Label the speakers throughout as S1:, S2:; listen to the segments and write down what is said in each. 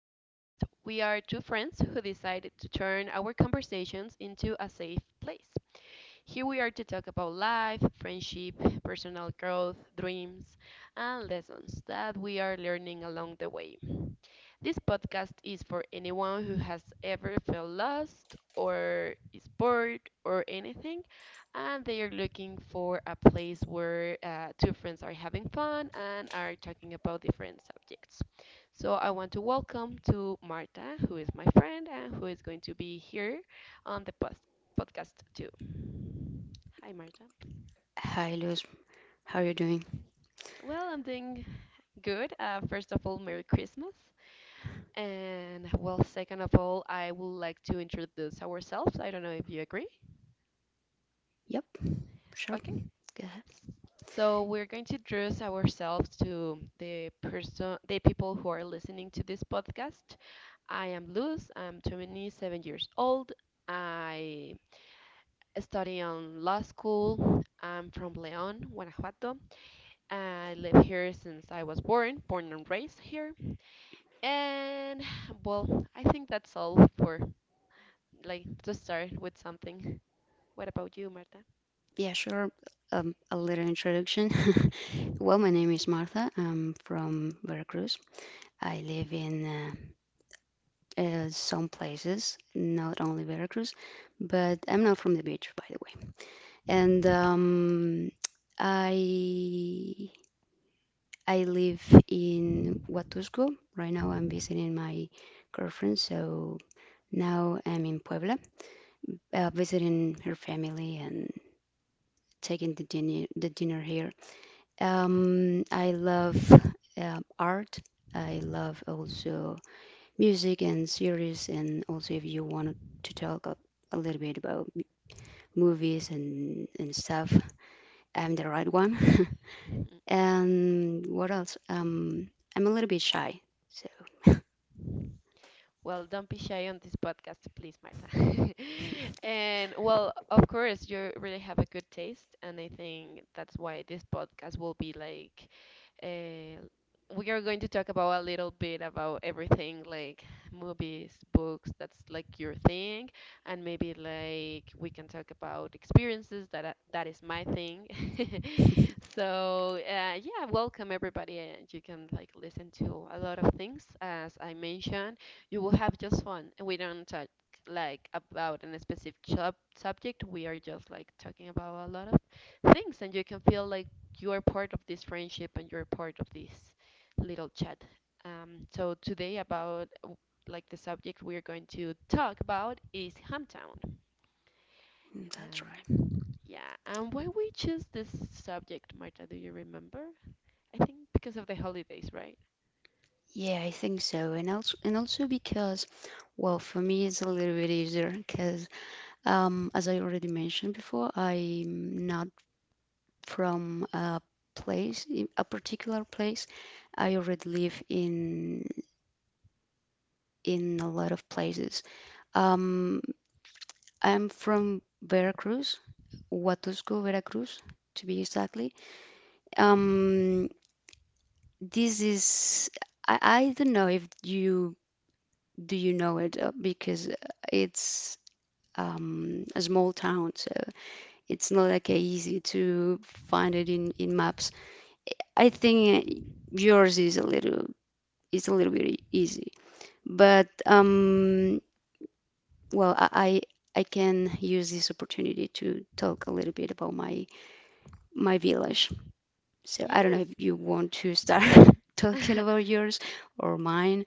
S1: podcast. We are two friends who decided to turn our conversations into a safe place. Here we are to talk about life, friendship, personal growth, dreams, and lessons that we are learning along the way. This podcast is for anyone who has ever felt lost or is bored or anything, and they are looking for a place where two friends are having fun and are talking about different subjects. So I want to welcome to Marta, who is my friend and who is going to be here on the podcast too. Hi, Marta.
S2: Hi, Luz. How are you doing?
S1: Well, I'm doing good. First of all, Merry Christmas. And well, second of all, I would like to introduce ourselves. I don't know if you agree.
S2: Yep, sure.
S1: Okay.
S2: Go ahead.
S1: S- So we're going to introduce ourselves to the person, the people who are listening to this podcast. I am Luz. I'm 27 years old. I study on law school. I'm from León, Guanajuato. I live here since I was born, born and raised here. And well, I think that's all for like to start with something. What about you, Marta?
S2: Yeah, sure. A little introduction. Well, my name is Martha. I'm from Veracruz. I live in some places, not only Veracruz, but I'm not from the beach, by the way. And I I live in Huatusco. Right now, I'm visiting my girlfriend, so now I'm in Puebla, visiting her family and taking the dinner here. I love art. I love also music and series, and also if you want to talk a little bit about movies and stuff, I'm the right one.
S1: Mhm,
S2: And what else? I'm a little bit shy, so
S1: mhm. Well, don't be shy on this podcast, please, Marta. And well, of course, you really have a good taste, and I think that's why this podcast will be like uh, we are going to talk about a little bit about everything, like movies, books, that's like your thing, and maybe like we can talk about experiences that is my thing. So, yeah, welcome everybody, and you can like listen to a lot of things as I mentioned. You will have just fun, and we don't talk like about a specific sub subject. We are just like talking about a lot of things, and you can feel like you are part of this friendship and you're part of this little chat. So today about like the subject we are going to talk about is hometown. Uh,
S2: that's right.
S1: yeah, and why we choose this subject, Marta? Do you remember? I think because of the holidays, right?
S2: Yeah, I think so. And also because, well, for me it's a little bit easier because as I already mentioned before, I'm not from place, a particular place. I already live in a lot of places. Um, I'm from Veracruz, Huatusco, Veracruz, to be exactly. Um, this is I don't know if you do you know it, because it's a small town, so it's not like easy to find it in maps. I think yours is a little bit easy, but well, I can use this opportunity to talk a little bit about my village. So I don't know if
S1: Yes.
S2: you want to start talking about yours or mine,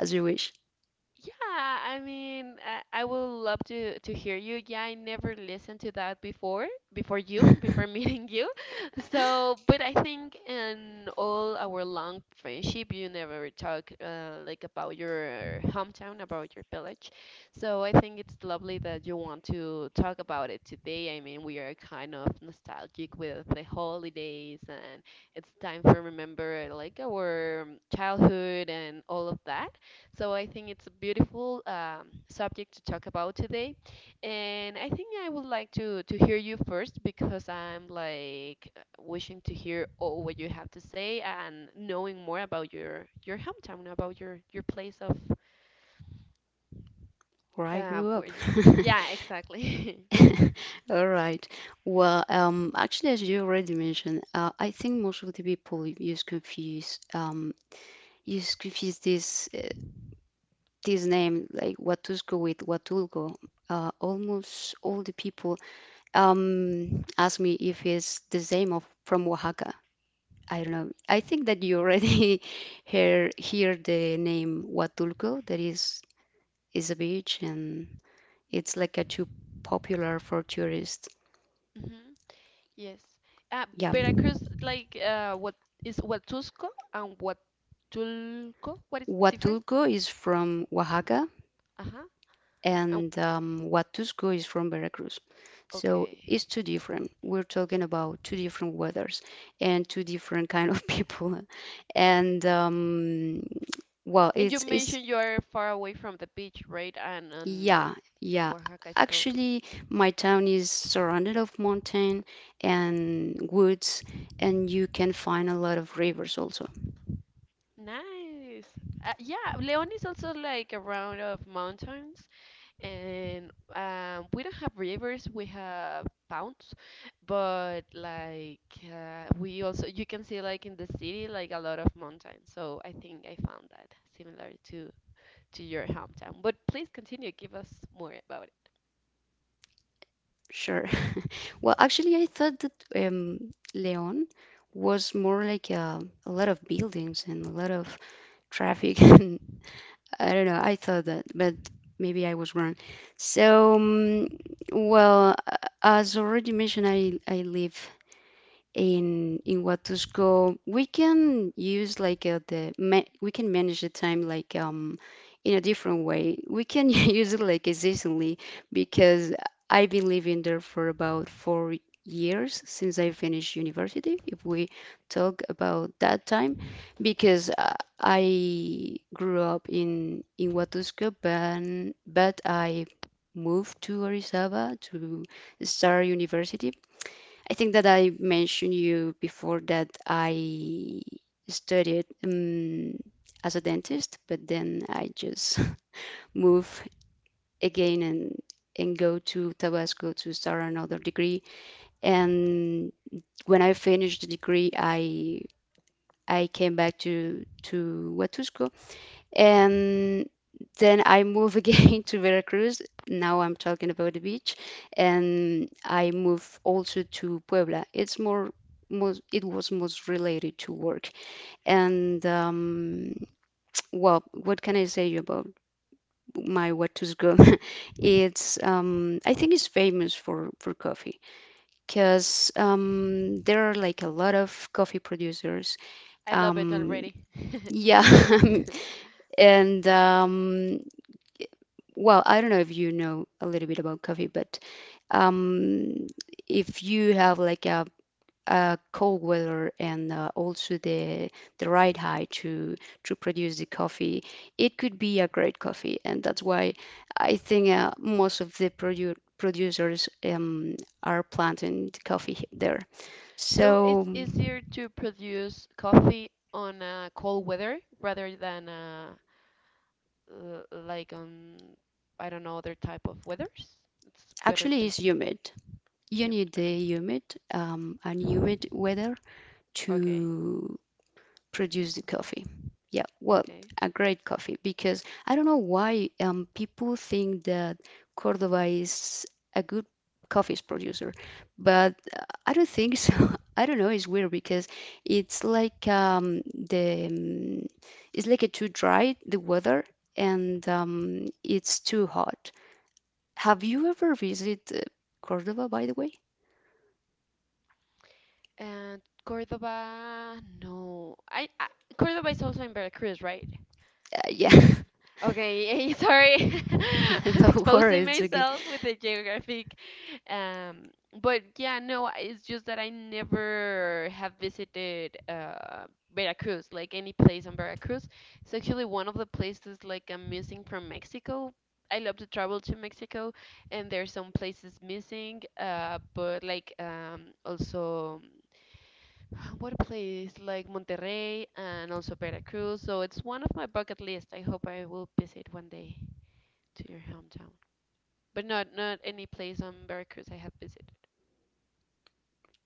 S2: as you wish.
S1: Yeah, I mean, I would love to hear you. Yeah, I never listened to that before, before you, before meeting you. So, but I think in all our long friendship, you never talk like about your hometown, about your village. So I think it's lovely that you want to talk about it today. I mean, we are kind of nostalgic with the holidays, and it's time for remember like our childhood and all of that. So I think it's a beautiful subject to talk about today, and I think I would like to hear you first because I'm like wishing to hear all what you have to say and knowing more about your hometown, about your place of
S2: Where I grew
S1: where
S2: up.
S1: you. Yeah, exactly.
S2: All right. Well, actually, as you already mentioned, I think most of the people use confuse this. This name, like Watuskowit, Watulgo, almost all the people ask me if it's the same of from Oaxaca. I don't know. I think that you already hear the name Huatulco. That is a beach, and it's like a too popular for tourists.
S1: Hmm. Yes. Uh,
S2: Yeah,
S1: Veracruz, like what is Huatusco and Huatulco? What is different?
S2: Huatulco is from Oaxaca,
S1: Uh-huh. Um,
S2: and Huatusco is from Veracruz. So
S1: okay.
S2: it's too different. We're talking about two different weathers and two different kind of people.
S1: Okay.
S2: And well,
S1: And you
S2: it's
S1: mentioned you are far away from the beach, right?
S2: yeah, yeah.
S1: Oaxaca is close.
S2: Actually, my town is surrounded of mountain and woods, and you can find a lot of rivers also.
S1: Nice. Yeah, León is also like around of mountains, and we don't have rivers, we have towns, but like we also you can see like in the city like a lot of mountains. So I think I found that similar to your hometown. But please continue, give us more about it.
S2: Sure. Well, actually, I thought that Leon was more like a lot of buildings and a lot of traffic, and I don't know. I thought that, but maybe I was wrong. So, well, as already mentioned, I live in what to go. We can use like the ma we can manage the time like in a different way. We can use it like seasonally because I've been living there for about 4 years since I finished university, if we talk about that time. Because I grew up in Huatusco, but I moved to Orizaba to start university. I think that I mentioned you before that I studied, as a dentist, but then I just move again and go to Tabasco to start another degree. And when I finished the degree, I came back to Huatusco, and then I move again to Veracruz. Now I'm talking about the beach, and I move also to Puebla. It was most related to work. And well, what can I say about my Huatusco? It's I think it's famous for coffee because there are like a lot of coffee producers.
S1: I love it
S2: Um,
S1: already.
S2: yeah, and well, I don't know if you know a little bit about coffee, but um, if you have like a cold weather and also the right high to produce the coffee, it could be a great coffee, and that's why I think most of the producers are planting the coffee there.
S1: So
S2: So
S1: it's easier to produce coffee on cold weather rather than like on I don't know other type of weathers. It's better
S2: actually,
S1: to
S2: it's
S1: be
S2: humid. You
S1: humid.
S2: need the
S1: Okay,
S2: humid, and humid weather
S1: okay,
S2: to produce the coffee. Yeah, well,
S1: okay.
S2: a great coffee, because I don't know why people think that Cordoba is a good coffee producer, but I don't think so. I don't know, it's weird because it's like the it's like a too dry the weather, and it's too hot. Have you ever visited Cordoba, by the way?
S1: And Cordoba, no, I Cordoba is also in Veracruz, right?
S2: Yeah,
S1: Okay, sorry, I'm
S2: don't worry,
S1: exposing
S2: it's okay.
S1: myself with the geographic. Um, but yeah, no, it's just that I never have visited Veracruz, like any place on Veracruz. It's actually one of the places like I'm missing from Mexico. I love to travel to Mexico, and there's some places missing, but like also. What a place like Monterrey and also Veracruz. So it's one of my bucket list. I hope I will visit one day to your hometown. But not any place on Veracruz I have visited.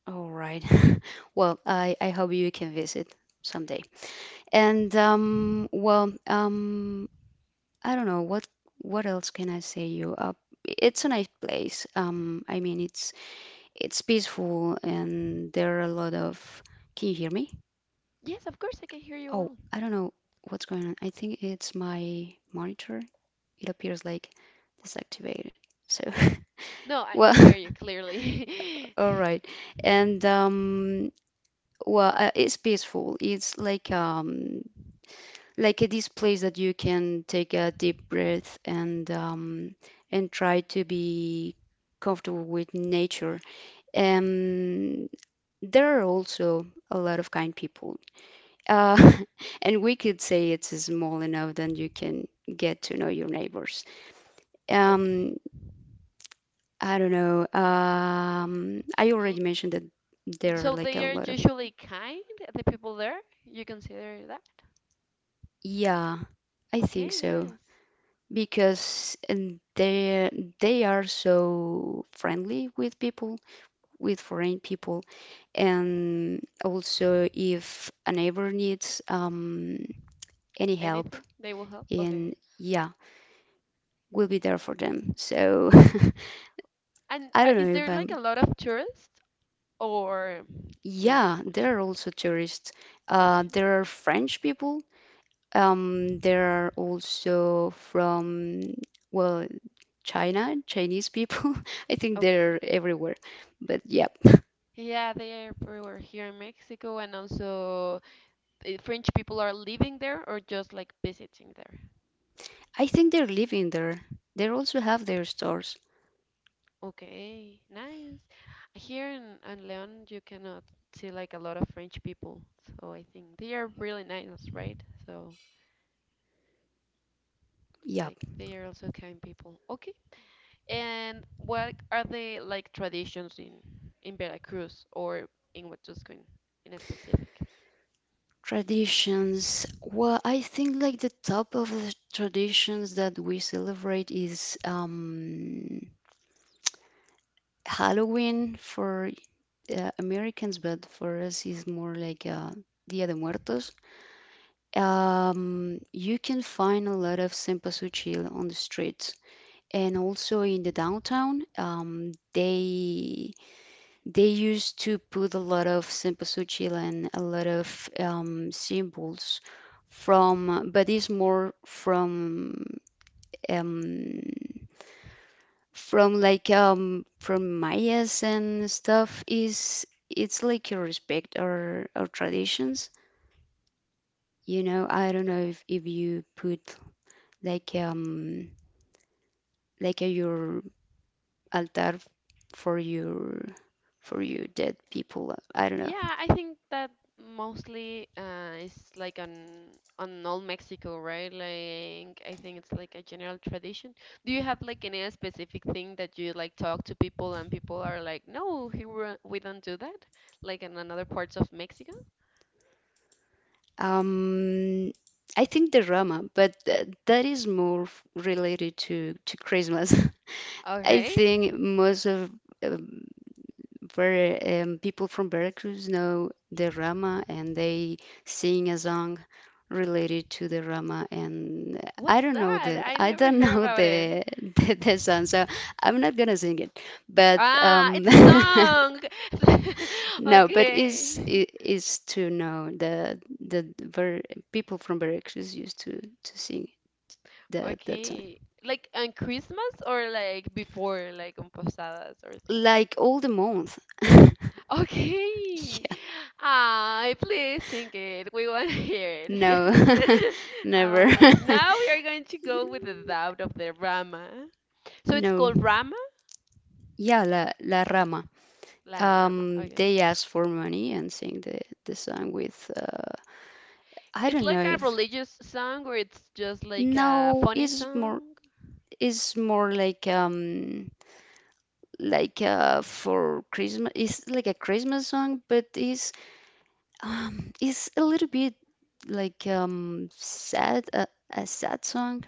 S2: All right. Well, I hope you can visit someday. And um, well, um, I don't know what else can I say you? It's a nice place. I mean, it's peaceful, and there are a lot of. Can you hear me?
S1: Yes, of course I can hear you
S2: Oh,
S1: well.
S2: I don't know what's going on. I think it's my monitor. It appears like disactivated. So,
S1: No, I can
S2: well,
S1: hear you clearly.
S2: all right. And well, it's peaceful. It's like this place that you can take a deep breath and try to be comfortable with nature. Um, there are also a lot of kind people, uh, and we could say it's small enough that you can get to know your neighbors.
S1: Okay.
S2: Um, I don't know. I
S1: L-
S2: already mentioned that there are
S1: So
S2: like
S1: they
S2: a
S1: are
S2: lot of
S1: usually kind, the people there? You consider that?
S2: yeah, I think
S1: Okay,
S2: so.
S1: nice.
S2: Because and they are so friendly with people, with foreign people, and also if a neighbor needs any help,
S1: Anything? They will help? Okay.
S2: and yeah, we'll be there for them. So
S1: And
S2: I don't
S1: is
S2: know if
S1: there
S2: I'm.
S1: like a lot of tourists or not
S2: Yeah,
S1: that much?
S2: there are also tourists.
S1: Okay.
S2: There are French people. There are also from, well, China, Chinese people. I think
S1: Okay.
S2: they're everywhere. But yeah,
S1: Yeah, they're everywhere here in Mexico, and also French people are living there or just like visiting there.
S2: I think they're living there. They also have their stores.
S1: Okay, nice. Here in León, you cannot see like a lot of French people, so I think they are really nice, right? So
S2: Yep.
S1: like they are also kind people. Okay, and what are the like traditions in Veracruz or in Huatusco in a specific?
S2: Traditions. Well, I think like the top of the traditions that we celebrate is Halloween for Americans, but for us is more like Dia de Muertos. You can find a lot of cempasúchil on the streets. And also in the downtown, they used to put a lot of cempasúchil and a lot of symbols from, but it's more from um, from Mayas and stuff. Is it's like you respect our traditions. You know, I don't know if you put like a, your altar for your for your dead people. I don't know.
S1: Yeah, I think that mostly is like on all Mexico, right? Like I think it's like a general tradition. Do you have like any specific thing that you like talk to people and people are like, no, here we don't do that, like in another parts of Mexico?
S2: Um, I think the Roma, but th that is more related to Christmas. I
S1: Okay,
S2: think most of um, people from Veracruz know the Rama, and they sing a song related to the Rama. And
S1: what's that? I
S2: I
S1: never
S2: don't
S1: heard
S2: know
S1: about it.
S2: the the song, so I'm not gonna sing it. But
S1: Ah, it's a song.
S2: no, but
S1: Okay,
S2: is to know the ver people from Veracruz used to sing that song
S1: okay. Like on Christmas or like before, like on posadas or things like
S2: like all the month.
S1: Okay.
S2: Yeah,
S1: Ah, please sing it. We want to hear
S2: no,
S1: it.
S2: never.
S1: Now we are going to go with the doubt of the Rama. So it's
S2: No,
S1: called Rama?
S2: yeah, La Rama.
S1: La Rama. Okay.
S2: They asked for money and sing the song with, I
S1: It's
S2: don't
S1: like
S2: know
S1: a
S2: if
S1: religious song or it's just like a
S2: no
S1: funny
S2: is more
S1: song?
S2: like for Christmas. It's like a Christmas song, but it's um, it's a little bit like sad, a sad song,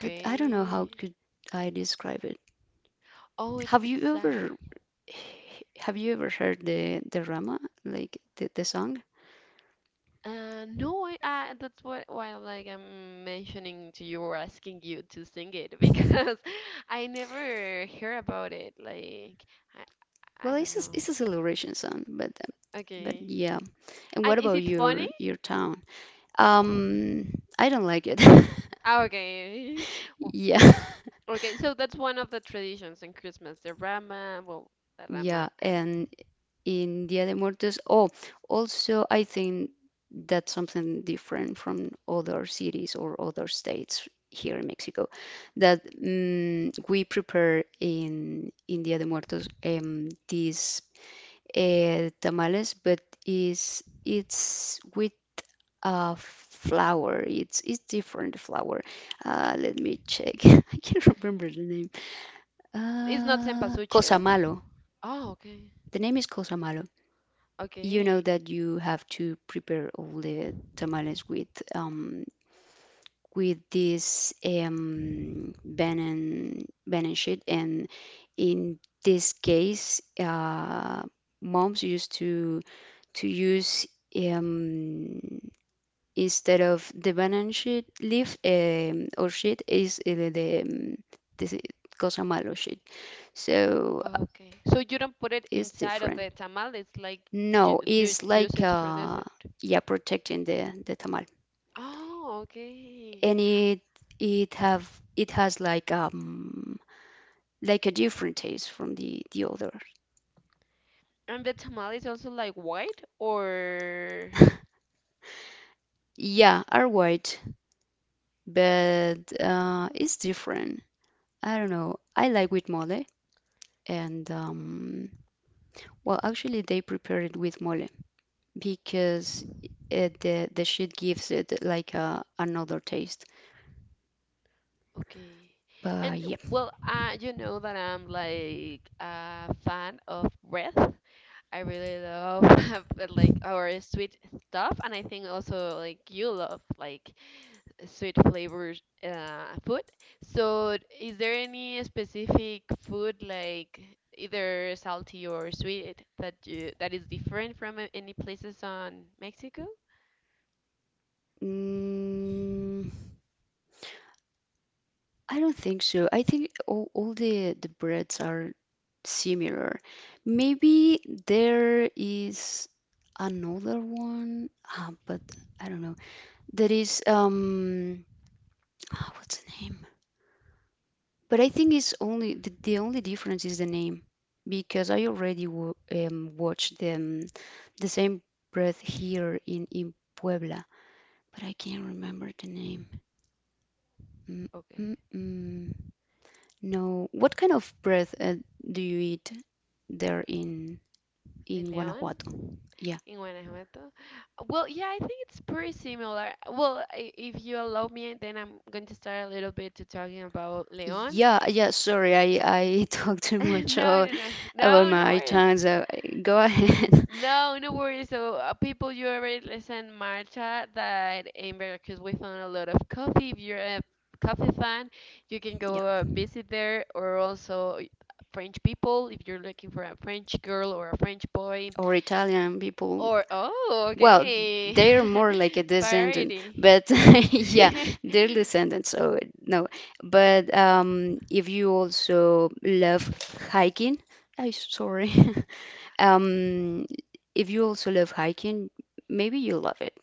S2: but I don't know how could I describe it.
S1: Oh,
S2: Have
S1: it's
S2: you ever
S1: sad.
S2: have you ever heard the Rama, like the song?
S1: No, that's what why like I'm mentioning to you or asking you to sing it because I never hear about it. Like I
S2: Well,
S1: don't know.
S2: it's a celebration song, but
S1: Okay.
S2: yeah. And what
S1: And is
S2: about
S1: it funny?
S2: your town?
S1: Or
S2: Um, I don't like it.
S1: ah, okay. Oh,
S2: Yeah.
S1: okay, so that's one of the traditions in Christmas. The rama, well, the rama,
S2: Yeah,
S1: and
S2: and in Dia de Muertos. Oh, also, I think that's something different from other cities or other states here in Mexico, that we prepare in Dia de Muertos these tamales, but is it's with a flour. It's different flour. Let me check. I can't remember the name.
S1: it's not cempasúchil.
S2: Cosamalo.
S1: Oh, okay.
S2: The name is Cosamalo. You know
S1: Okay.
S2: that you have to prepare all the tamales with um, this banan sheet, and in this case, moms used to use um, instead of the banan sheet leaf, or sheet is the this cosa malo sheet, so
S1: Okay. So you don't put it
S2: it's
S1: inside of
S2: different.
S1: the tamal. It's like you
S2: No,
S1: you
S2: it's
S1: use
S2: like
S1: it to produce it.
S2: yeah, protecting the tamal.
S1: Oh, okay.
S2: And it have it has like a different taste from the other.
S1: And the tamal is also like white or
S2: Yeah, are white, but it's different. I don't know. I like with mole, and well, actually, they prepare it with mole because it, the shit gives it like another taste.
S1: Okay.
S2: But
S1: And
S2: yeah,
S1: well, you know that I'm like a fan of bread. I really love but, like our sweet stuff, and I think also like you love like sweet flavors food. So, is there any specific food like either salty or sweet that you that is different from any places on Mexico?
S2: mm, I don't think so. I think all the breads are similar. Maybe there is another one, but I don't know. There is ah, what's the name? But I think it's only the only difference is the name, because I already w watched them the same breath here in Puebla, but I can't remember the name. Mm,
S1: Okay.
S2: mm, mm. No, what kind of breath do you eat there
S1: In
S2: in
S1: León,
S2: Guanajuato? Yeah.
S1: in Guanajuato. Well, yeah, I think it's pretty similar. Well, if you allow me, then I'm going to start a little bit to talking about León.
S2: Yeah, yeah, sorry, I talk too
S1: No,
S2: much
S1: no, no,
S2: about
S1: no, no
S2: my
S1: worries.
S2: Italians. Go ahead.
S1: No, no worries. So, people, you already listen, Marcha, that in Veracruz we found a lot of coffee. If you're a coffee fan, you can
S2: Yeah,
S1: go visit there, or also French people, if you're looking for a French girl or a French boy
S2: or Italian people.
S1: Or oh,
S2: Well,
S1: okay.
S2: they're more like a descendant,
S1: Variety.
S2: but yeah, they're descendants, so no. But if you also love hiking, I sorry. Um, if you also love hiking, maybe you love it.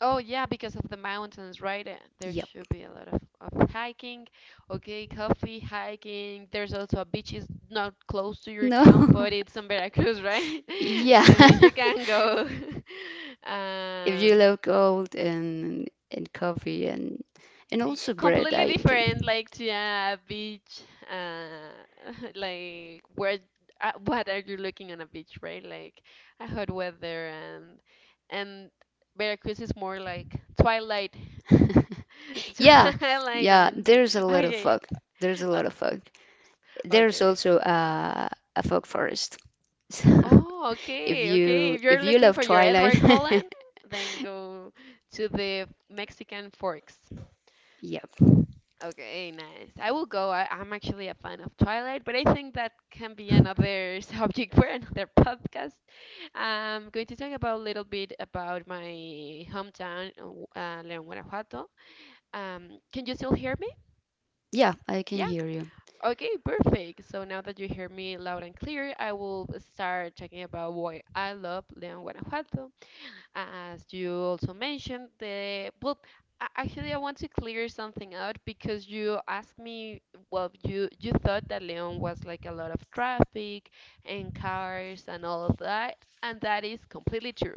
S1: Oh yeah, because of the mountains, right? There
S2: Yep.
S1: should be a lot of hiking. Okay, coffee, hiking. There's also a beach is not close to your town,
S2: No.
S1: but it's in Veracruz, right?
S2: Yeah.
S1: I mean, you can go.
S2: If you
S1: And
S2: love gold and coffee and also bread,
S1: completely
S2: I think.
S1: different like to a beach uh like where what are you looking on a beach right like a hot weather and and Veracruz is more like twilight
S2: Yeah,
S1: twilight I
S2: yeah.
S1: mean
S2: There's a lot of
S1: okay,
S2: fog. There's a
S1: uh,
S2: lot of fog. There's
S1: okay.
S2: also a fog forest. So
S1: Oh,
S2: if
S1: okay, okay,
S2: you
S1: if
S2: if
S1: you're
S2: you
S1: looking
S2: love
S1: for your
S2: Twilight,
S1: Edward Cullen, then go to the Mexican Forks.
S2: yep,
S1: Okay, nice. I will go. I'm actually a fan of Twilight, but I think that can be another subject for another podcast. I'm going to talk about a little bit about my hometown, León, Guanajuato. Can you still hear me?
S2: yeah, I can
S1: Yeah.
S2: hear you.
S1: Okay, perfect. So now that you hear me loud and clear, I will start talking about why I love León, Guanajuato as you also mentioned, the well, actually, I want to clear something out because you asked me, well, you thought that Leon was like a lot of traffic and cars and all of that, and that is completely true.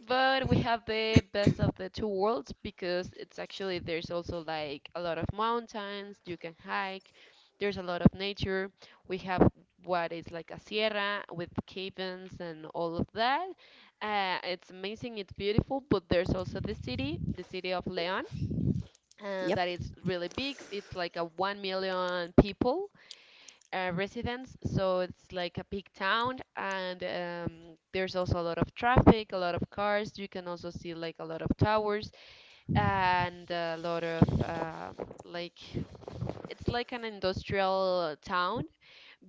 S1: But we have the best of the two worlds because it's actually there's also like a lot of mountains you can hike. There's a lot of nature. We have what is like a sierra with caverns and all of that. It's amazing, it's beautiful, but there's also the city of León, and
S2: Yep.
S1: that is really big. It's like a 1 million people residents, so it's like a big town, and there's also a lot of traffic, a lot of cars. You can also see like a lot of towers and a lot of like it's like an industrial town,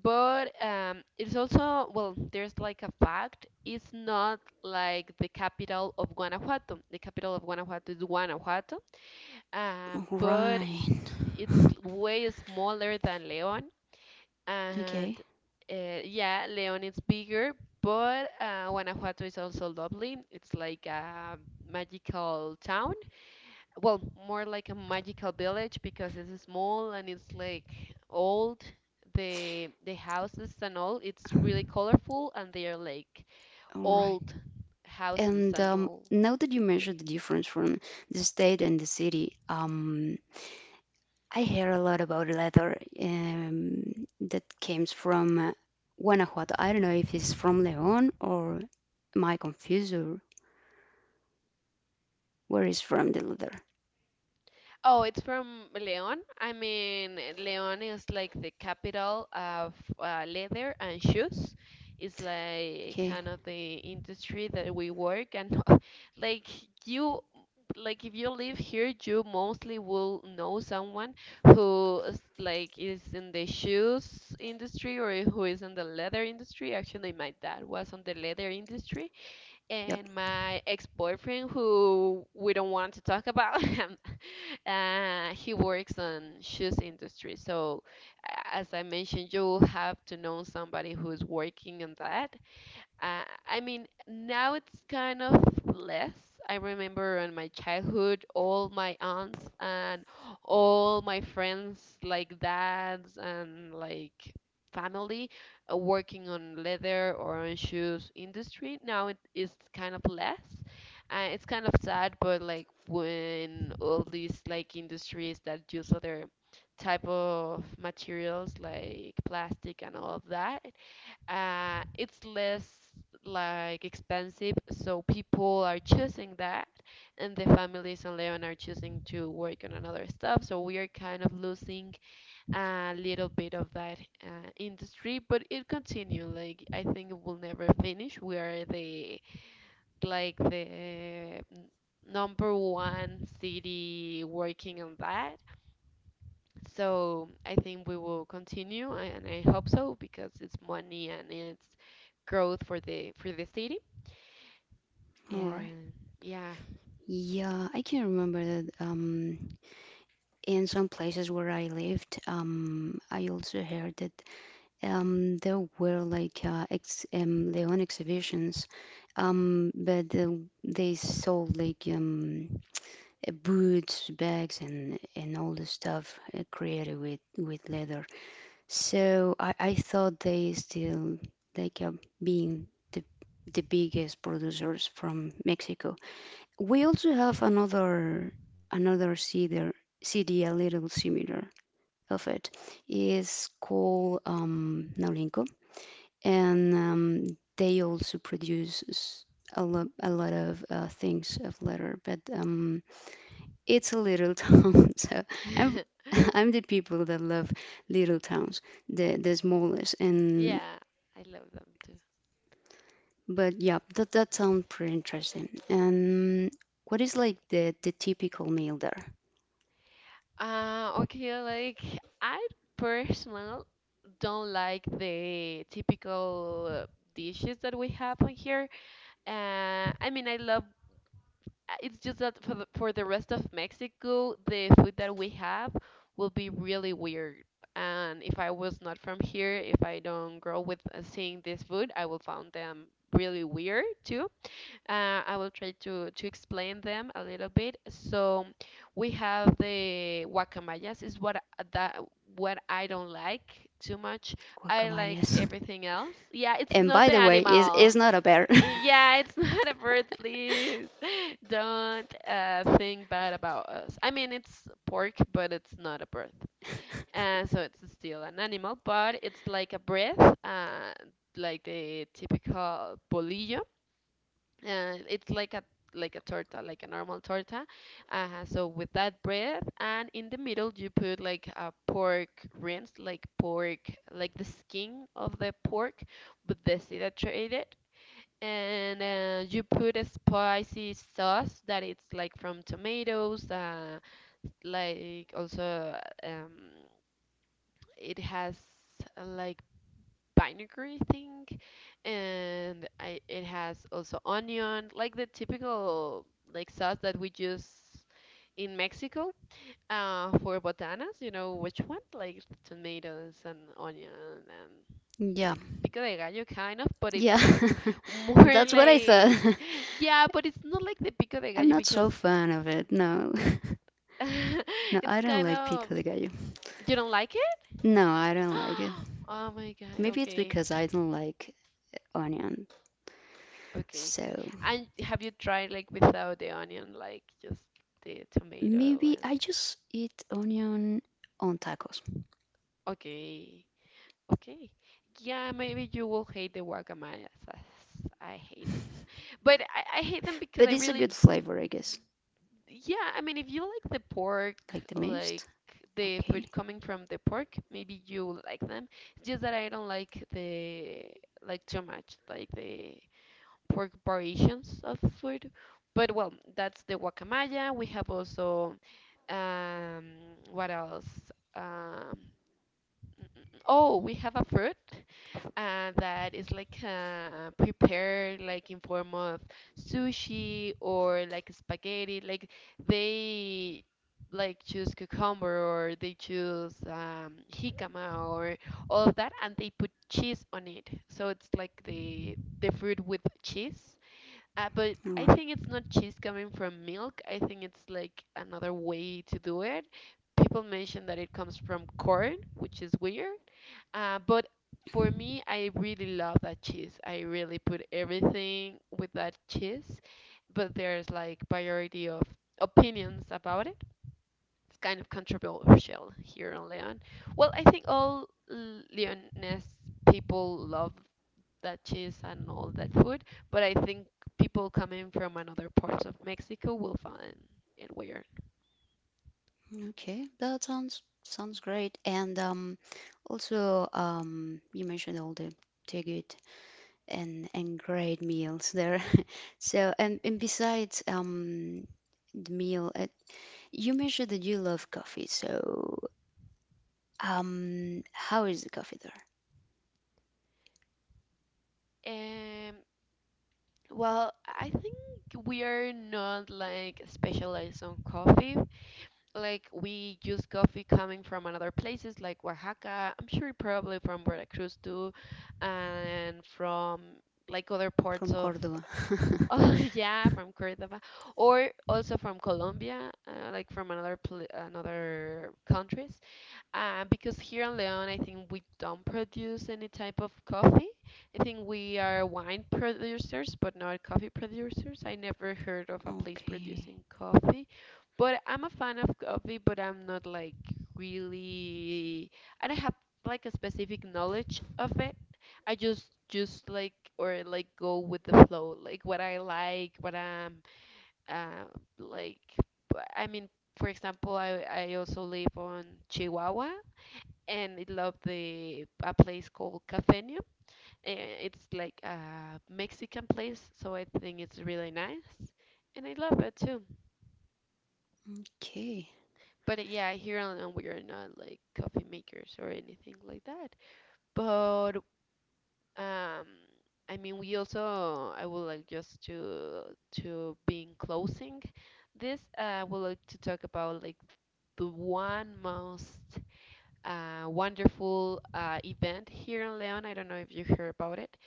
S1: but it's also, well, there's like a fact, it's not like the capital of Guanajuato. The capital of Guanajuato is Guanajuato, but
S2: Right.
S1: it's way smaller than León,
S2: Okay.
S1: and yeah, León is bigger, but Guanajuato is also lovely. It's like a magical town well, more like a magical village because it's small and it's like old. The houses and all, it's really colorful and they are like
S2: All right.
S1: old houses
S2: And
S1: and all.
S2: now that you
S1: like,
S2: measure the difference from the state and the city, I hear a lot about leather that comes from Guanajuato. I don't know if it's from León or am I confused or where is from the leather?
S1: Oh, it's from León. I mean, León is like the capital of leather and shoes. It's like
S2: Okay,
S1: kind of the industry that we work and like you like if you live here, you mostly will know someone who is in the shoes industry or who is in the leather industry. Actually, my dad was on the leather industry
S2: yep,
S1: and my ex-boyfriend who we don't want to talk about him he works on shoes industry so as I mentioned you have to know somebody who's working on that. I mean, now it's kind of less. I remember in my childhood, all my aunts and all my friends, like dads and like family, working on leather or on shoes industry. Now it is kind of less. It's kind of sad, but like when all these like industries that use other type of materials like plastic and all of that it's less like expensive, so people are choosing that, and the families on Leon are choosing to work on another stuff. So we are kind of losing a little bit of that industry, but it continue. Like I think it will never finish. We are the like the number one city working on that, so I think we will continue, and I hope so because it's money and it's growth for the city.
S2: all right.
S1: And yeah,
S2: Yeah, I can remember that in some places where I lived, I also heard that there were like ex León exhibitions, but they sold like boots, bags, and all the stuff created with leather. So I thought they still they kept being the the biggest producers from Mexico. We also have another cedar CD a little similar of it is called Naulinco, and they also produce s- a lot of things of leather, but it's a little town, so I'm I'm the people that love little towns, the smallest. And
S1: yeah, I love them too.
S2: but yeah, that that sounds pretty interesting. And what is like the typical meal there?
S1: Okay, like I personally don't like the typical dishes that we have on here. I mean, I love it's just that for the rest of Mexico, the food that we have will be really weird. And if I was not from here, if I don't grow with seeing this food, I will find them really weird too. I will try to explain them a little bit. So we have the guacamayas is what I don't like too much. I like
S2: Guacamayas.
S1: everything else. Yeah, it's
S2: And
S1: not
S2: by
S1: the
S2: the way, is
S1: animal.
S2: not a bear.
S1: Yeah, it's not a bird, please. Don't think bad about us. I mean, it's pork, but it's not a bird. So it's still an animal, but it's like a breath, like the typical bolillo it's like a torta, like a normal torta. So with that bread, and in the middle you put like a pork rinse, like pork, like the skin of the pork, but dehydrated. And you put a spicy sauce that it's like from tomatoes, like also it has like vinegary thing it has also onion, like the typical like sauce that we use in Mexico for botanas. You know which one? Like tomatoes and onion and
S2: Yeah,
S1: like pico de gallo kind of, but it's
S2: yeah,
S1: like more
S2: that's what I
S1: like
S2: thought.
S1: yeah, but it's not like the pico de
S2: I'm
S1: gallo
S2: not so
S1: because
S2: fan of it. No, no,
S1: it's
S2: I don't
S1: kind
S2: like
S1: of
S2: pico de gallo.
S1: you don't like it.
S2: No, I don't like it.
S1: Oh my God,
S2: Maybe it's
S1: okay.
S2: because I don't like onion.
S1: Okay.
S2: So
S1: And have you tried like without the onion, like just the tomato
S2: maybe
S1: and
S2: I just eat onion on tacos.
S1: okay. Okay. Yeah, maybe you will hate the guacamayas as I hate them. But I hate them because
S2: But
S1: I
S2: it's a
S1: really
S2: good flavor, I guess.
S1: yeah, I mean if you like the pork,
S2: Like the mist.
S1: like the
S2: Okay.
S1: food coming from the pork, maybe you like them. It's just that I don't like the like too much, like the for variations of food. But well, that's the guacamaya. We have also um, what else? Um, oh, we have a fruit that is like prepared like in form of sushi or like spaghetti. Like they like choose cucumber or they choose jicama or all of that, and they put cheese on it. So it's like the fruit with cheese. But
S2: All
S1: I
S2: right.
S1: think it's not cheese coming from milk. I think it's like another way to do it. People mention that it comes from corn, which is weird. But for me, I really love that cheese. I really put everything with that cheese. But there's like variety of opinions about it. It's kind of controversial here in Leon. Well, I think all Leonese people love that cheese and all that food. But I think people coming from another parts of Mexico will find it weird.
S2: Okay. That sounds sounds great. And also you mentioned all the good and great meals there. So and besides the meal at you mentioned that you love coffee. So how is the coffee there
S1: Um, well, I think we are not like specialized on coffee. Like we use coffee coming from another places like Oaxaca. I'm sure probably from Veracruz too, and from like other parts
S2: from
S1: of
S2: Cordoba?
S1: oh yeah from Cordoba or also from Colombia, like from another pl another countries. Because here in León, I think we don't produce any type of coffee. I think we are wine producers, but not coffee producers. I never heard of a place
S2: Okay.
S1: producing coffee. But I'm a fan of coffee, but I'm not like really, I don't have like a specific knowledge of it. I just like or like go with the flow, like what I like, what I'm uh, like. I mean, for example, I also live on Chihuahua, and I love the a place called Cafeño. Eh, it's like a Mexican place, so I think it's really nice, and I love it too.
S2: Okay.
S1: But yeah, here we are not like coffee makers or anything like that. But um, I mean, we also I would like just to be in closing this. I would like to talk about like the one most wonderful event here in Leon. I don't know if you heard about it.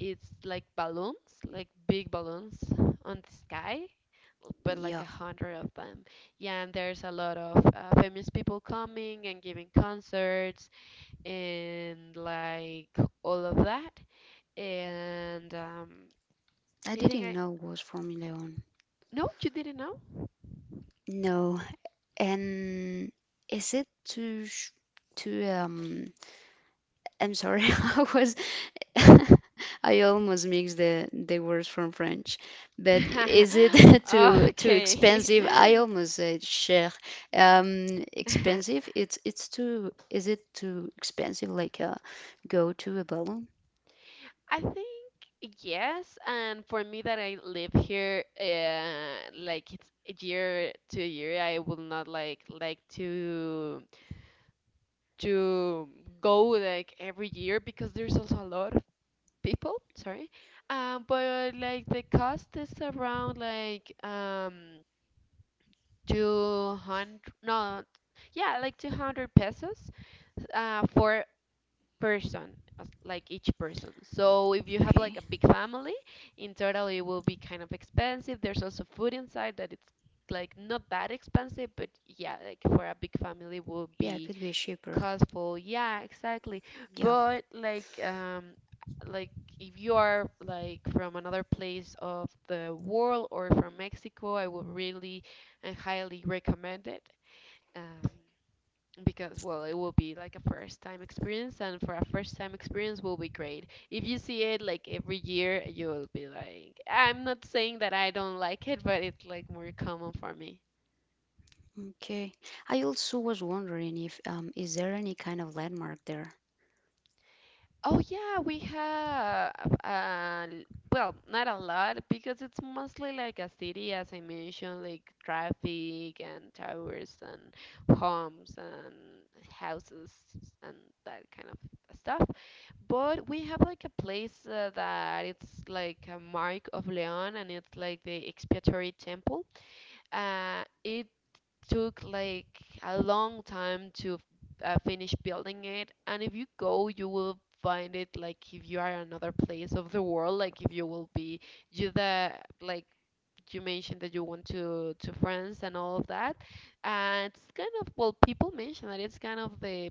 S1: It's like balloons, like big balloons on the sky, but like
S2: Yeah,
S1: a hundred of them. Yeah, and there's a lot of famous people coming and giving concerts and like all of that. And
S2: I
S1: I think
S2: didn't
S1: I.
S2: know it was Formula One.
S1: No, you didn't know?
S2: No, and is it too sh to um? I'm sorry, I was I almost mixed the words from French, but is it too too
S1: Okay.
S2: expensive? I almost said cher. Expensive? It's too. Is it too expensive? Like go to a balloon?
S1: I think yes, and for me that I live here, like it's a year to a year, I will not like to go like every year because there's also a lot of people. Sorry, but like the cost is around like 200, no, yeah, like 200 pesos, for person as- like each person, so if you have
S2: Okay,
S1: like a big family in total it will be kind of expensive. There's also food inside that it's like not that expensive, but yeah, like for a big family will
S2: yeah, it
S1: be
S2: could be cheaper.
S1: costful, yeah, exactly. But like if you are like from another place of the world or from Mexico, I would really and highly recommend it. um because well, it will be like a first time experience, and for a first time experience will be great. If you see it like every year you'll be like I'm not saying that I don't like it, but it's like more common for me.
S2: Okay. I also was wondering if is there any kind of landmark there?
S1: Oh yeah, we have uh l- well, not a lot because it's mostly like a city, as I mentioned, like traffic and towers and homes and houses and that kind of stuff. But we have like a place that it's like a mark of Leon, and it's like the expiatory temple. It took like a long time to finish building it. And if you go, you will find it like if you are in another place of the world, like if you will be you the like you mentioned that you went to France and all of that. And it's kind of well, people mention that it's kind of the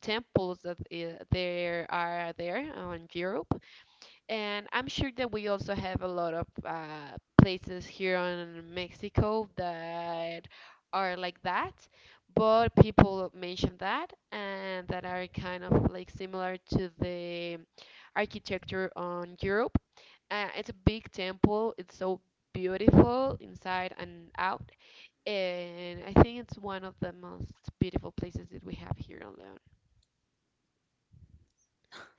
S1: temples that there are there on Europe, and I'm sure that we also have a lot of places here on Mexico that are like that, but people mention that, and that are kind of like similar to the architecture on Europe. It's a big temple, it's so beautiful inside and out, and I think it's one of the most beautiful places that we have here on León.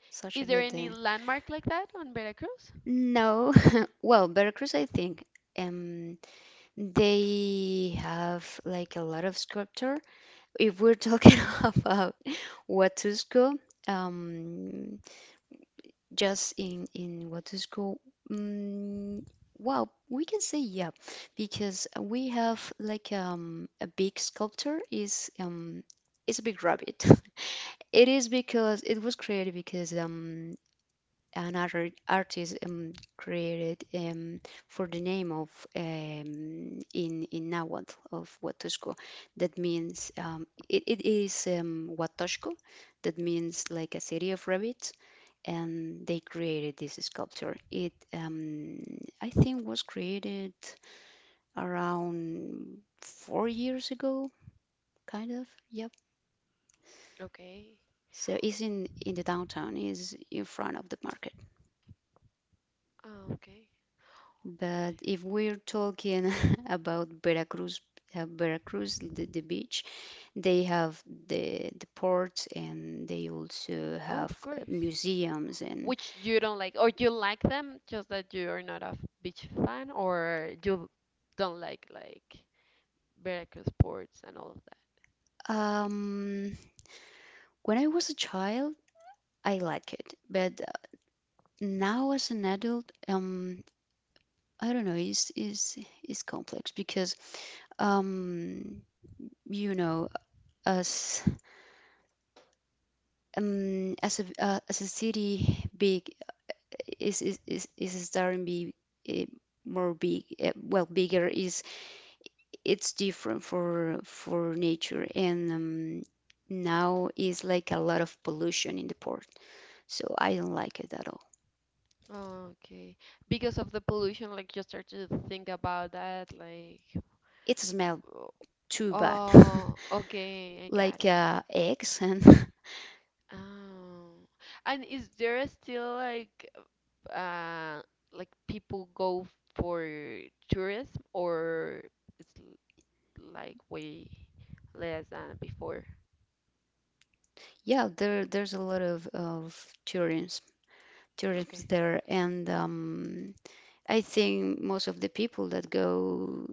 S2: Such
S1: Is
S2: a
S1: there
S2: good
S1: any landmark like that on Veracruz?
S2: no. Well, Veracruz, I think. Um, they have like a lot of sculpture. If we're talking about Huatusco, um, just in Huatusco, mm well, we can say yeah, because we have like a big sculpture is it's a big rabbit. It is because it was created because another artist created for the name of in Nahuatl of Huatusco that means it, it is Huatusco that means like a city of rabbits, and they created this sculpture. It I think was created around 4 years ago, kind of. Yep.
S1: Okay.
S2: So it's in the downtown, is in front of the market.
S1: Oh, okay.
S2: But
S1: Nice.
S2: if we're talking about Veracruz, Veracruz, the beach, they have the port and they also
S1: Oh,
S2: have
S1: of course.
S2: museums and
S1: Which you don't like, or you like them, just that you're not a beach fan, or you don't like Veracruz sports and all of
S2: um, when I was a child, I like it, but now as an adult, I don't know, it's is complex because um, you know, as as a city big is starting be eh, more big well bigger is it's different for nature and now is like a lot of pollution in the port, so I don't like it at all.
S1: that. Okay. Because of the pollution, like you start to think about that, like,
S2: It smells
S1: oh,
S2: too bad
S1: oh, okay, I got
S2: like
S1: it.
S2: eggs and
S1: Oh. And is there still uh like people go for tourism or it's like way less than before.
S2: yeah there there's a lot of tourism tourism
S1: Okay,
S2: there and I think most of the people that go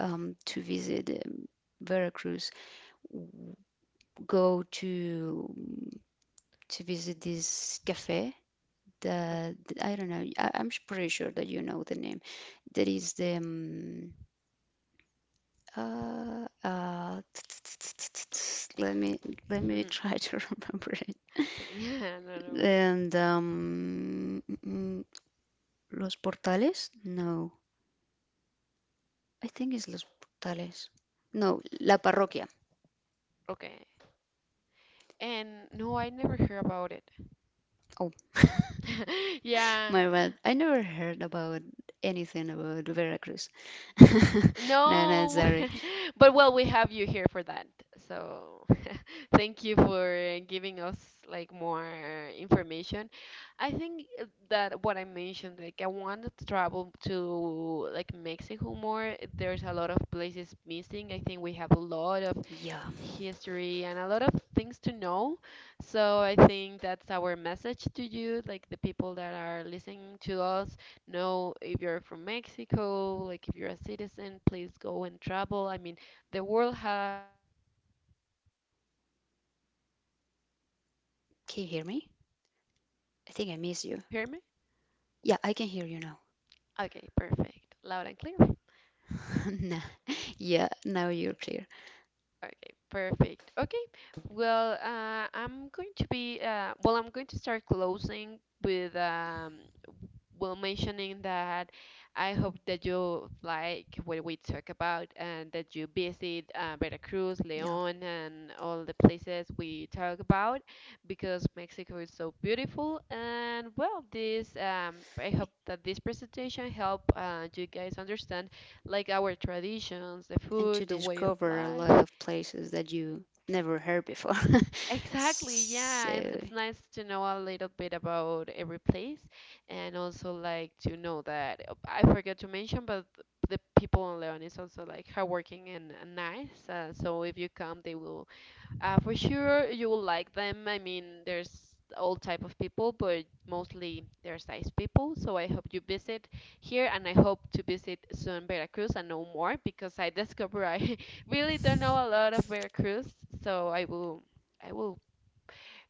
S2: to visit Veracruz go to visit this cafe.
S1: look.
S2: I don't know. I'm s- pretty sure that you know the name. That is the uh, uh, let me let me try to remember it.
S1: Yeah, no, no. Wait.
S2: And Los Portales? No, I think it's Los Portales. No, La Parroquia.
S1: Okay. And no, I never heard about it.
S2: Oh,
S1: Yeah.
S2: my bad. I never heard about anything about Veracruz. No, no,
S1: No.
S2: sorry.
S1: But well, we have you here for that. So, Thank you for giving us like more information. I think that what I mentioned, like I wanted to travel to like Mexico more. There's a lot of places missing. I think we have a lot of
S2: Yeah.
S1: history and a lot of things to know. So I think that's our message to you, like the people that are listening to us. Know if you're from Mexico, like if you're a citizen, please go and travel. I mean, the world has a lot of beautiful places, but also like your country
S2: Can you
S1: have
S2: hear me?
S1: them. Oh yes, I
S2: I
S1: can
S2: think
S1: hear
S2: I
S1: you.
S2: miss
S1: Can you
S2: you.
S1: hear me?
S2: Yeah, I can hear you now.
S1: Okay, perfect. Loud and clear.
S2: Nah. Yeah, now you're clear.
S1: Okay, perfect. Okay, well, I'm going to be, I'm going to start closing with, well, mentioning that I hope that you like what we talk about and that you visit Veracruz,
S2: Yeah.
S1: León, and all the places we talk about because Mexico is so beautiful. And well, I hope that this presentation help you guys understand like our traditions, the
S2: And
S1: food,
S2: to
S1: the way of
S2: discover a lot
S1: life.
S2: of places that you never heard before.
S1: Exactly,
S2: So,
S1: yeah. It's nice to know a little bit about every place, and also like to know that oh, I forgot to mention, but the people in Leon is also like hardworking and nice. So if you come, they will for sure you will like them. I mean, there's all type of people, but mostly there's nice people. So I hope you visit here and I hope to visit soon Veracruz and know more because I discover I really don't know a lot of Veracruz. So I will. I will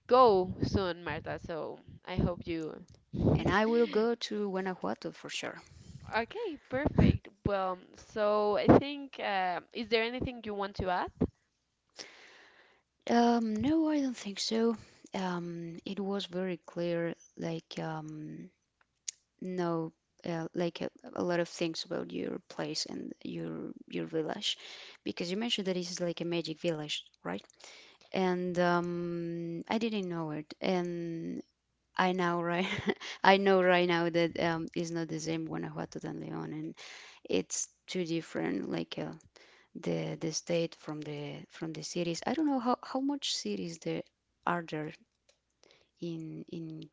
S1: go soon, Marta. So I hope you.
S2: and I will go to Guanajuato for sure.
S1: Okay, perfect. Well, so I think, is there anything you want to add?
S2: No, I don't think so. It was very clear, like, no, like a lot of things about your place and your village, because you mentioned that it's like a magic village, right? And I didn't know it. And I now right, I know right now that it's not the same Guanajuato than León, and it's too different. Like the state from the cities. I don't know how much cities there are there in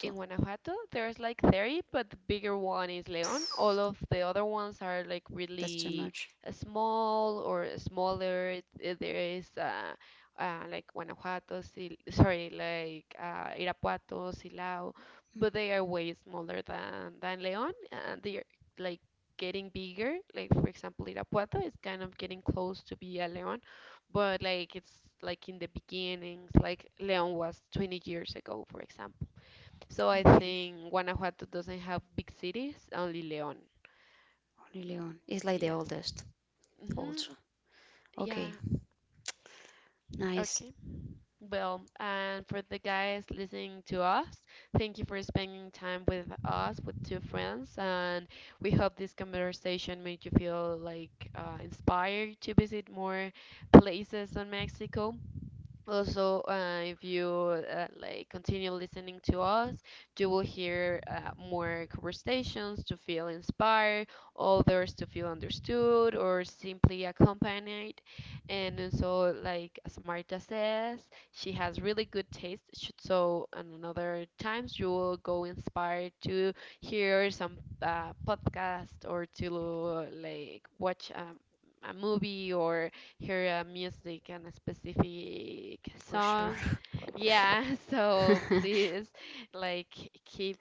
S1: In Guanajuato, there's like 30, but the bigger one is León. All
S2: Pff,
S1: of the other ones are like
S2: that's too
S1: really
S2: much.
S1: small or smaller. There is like like Irapuato, Silao, but
S2: Mm,
S1: they are way smaller than León, and they're like getting bigger. Like for example, Irapuato is kind of getting close to be a León, but like it's like in the beginnings, like León was 20 years ago, for example. So I
S2: okay,
S1: think Guanajuato doesn't have big cities, only León.
S2: only León. It's like the
S1: Yeah.
S2: oldest
S1: Hmm.
S2: also.
S1: Yeah.
S2: Okay, nice
S1: Okay. Well, and for the guys listening to us, thank you for spending time with us, with two friends, and we hope this conversation made you feel like inspired to visit more places in Mexico. Also, if you like continue listening to us, you will hear more conversations to feel inspired, others to feel understood, or simply accompanied. And so, like as Marta says, she has really good taste. So, on another times you will go inspired to hear some podcast or to like watch a movie or hear music and a specific
S2: for sure.
S1: song. Yeah, so please like keep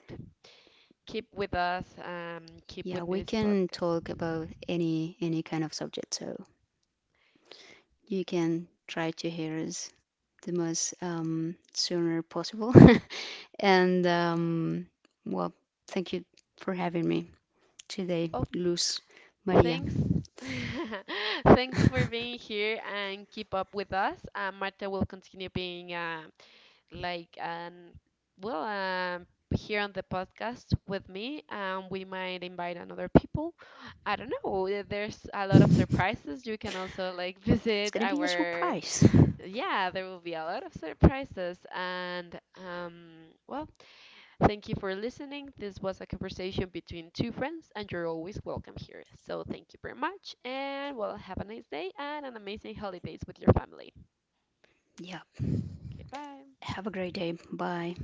S1: keep with us, keep
S2: Yeah,
S1: with
S2: we
S1: this
S2: can
S1: podcast.
S2: talk about any kind of subject, so you can try to hear us the most sooner possible. And well, thank you for having me today,
S1: Oh,
S2: Luz Maria.
S1: thanks. Thanks for being here and keep up with us. Marta will continue being like and well here on the podcast with me, we might invite another people. I don't know, there's a lot of surprises. You can also like
S2: That's
S1: visit
S2: gonna be a
S1: our.
S2: surprise.
S1: Yeah, there will be a lot of surprises and, um well thank you for listening. This was a conversation between two friends and you're always welcome here, so thank you very much and well, have a nice day and an amazing holidays with your family.
S2: Yeah,
S1: Goodbye.
S2: have a great day. Bye.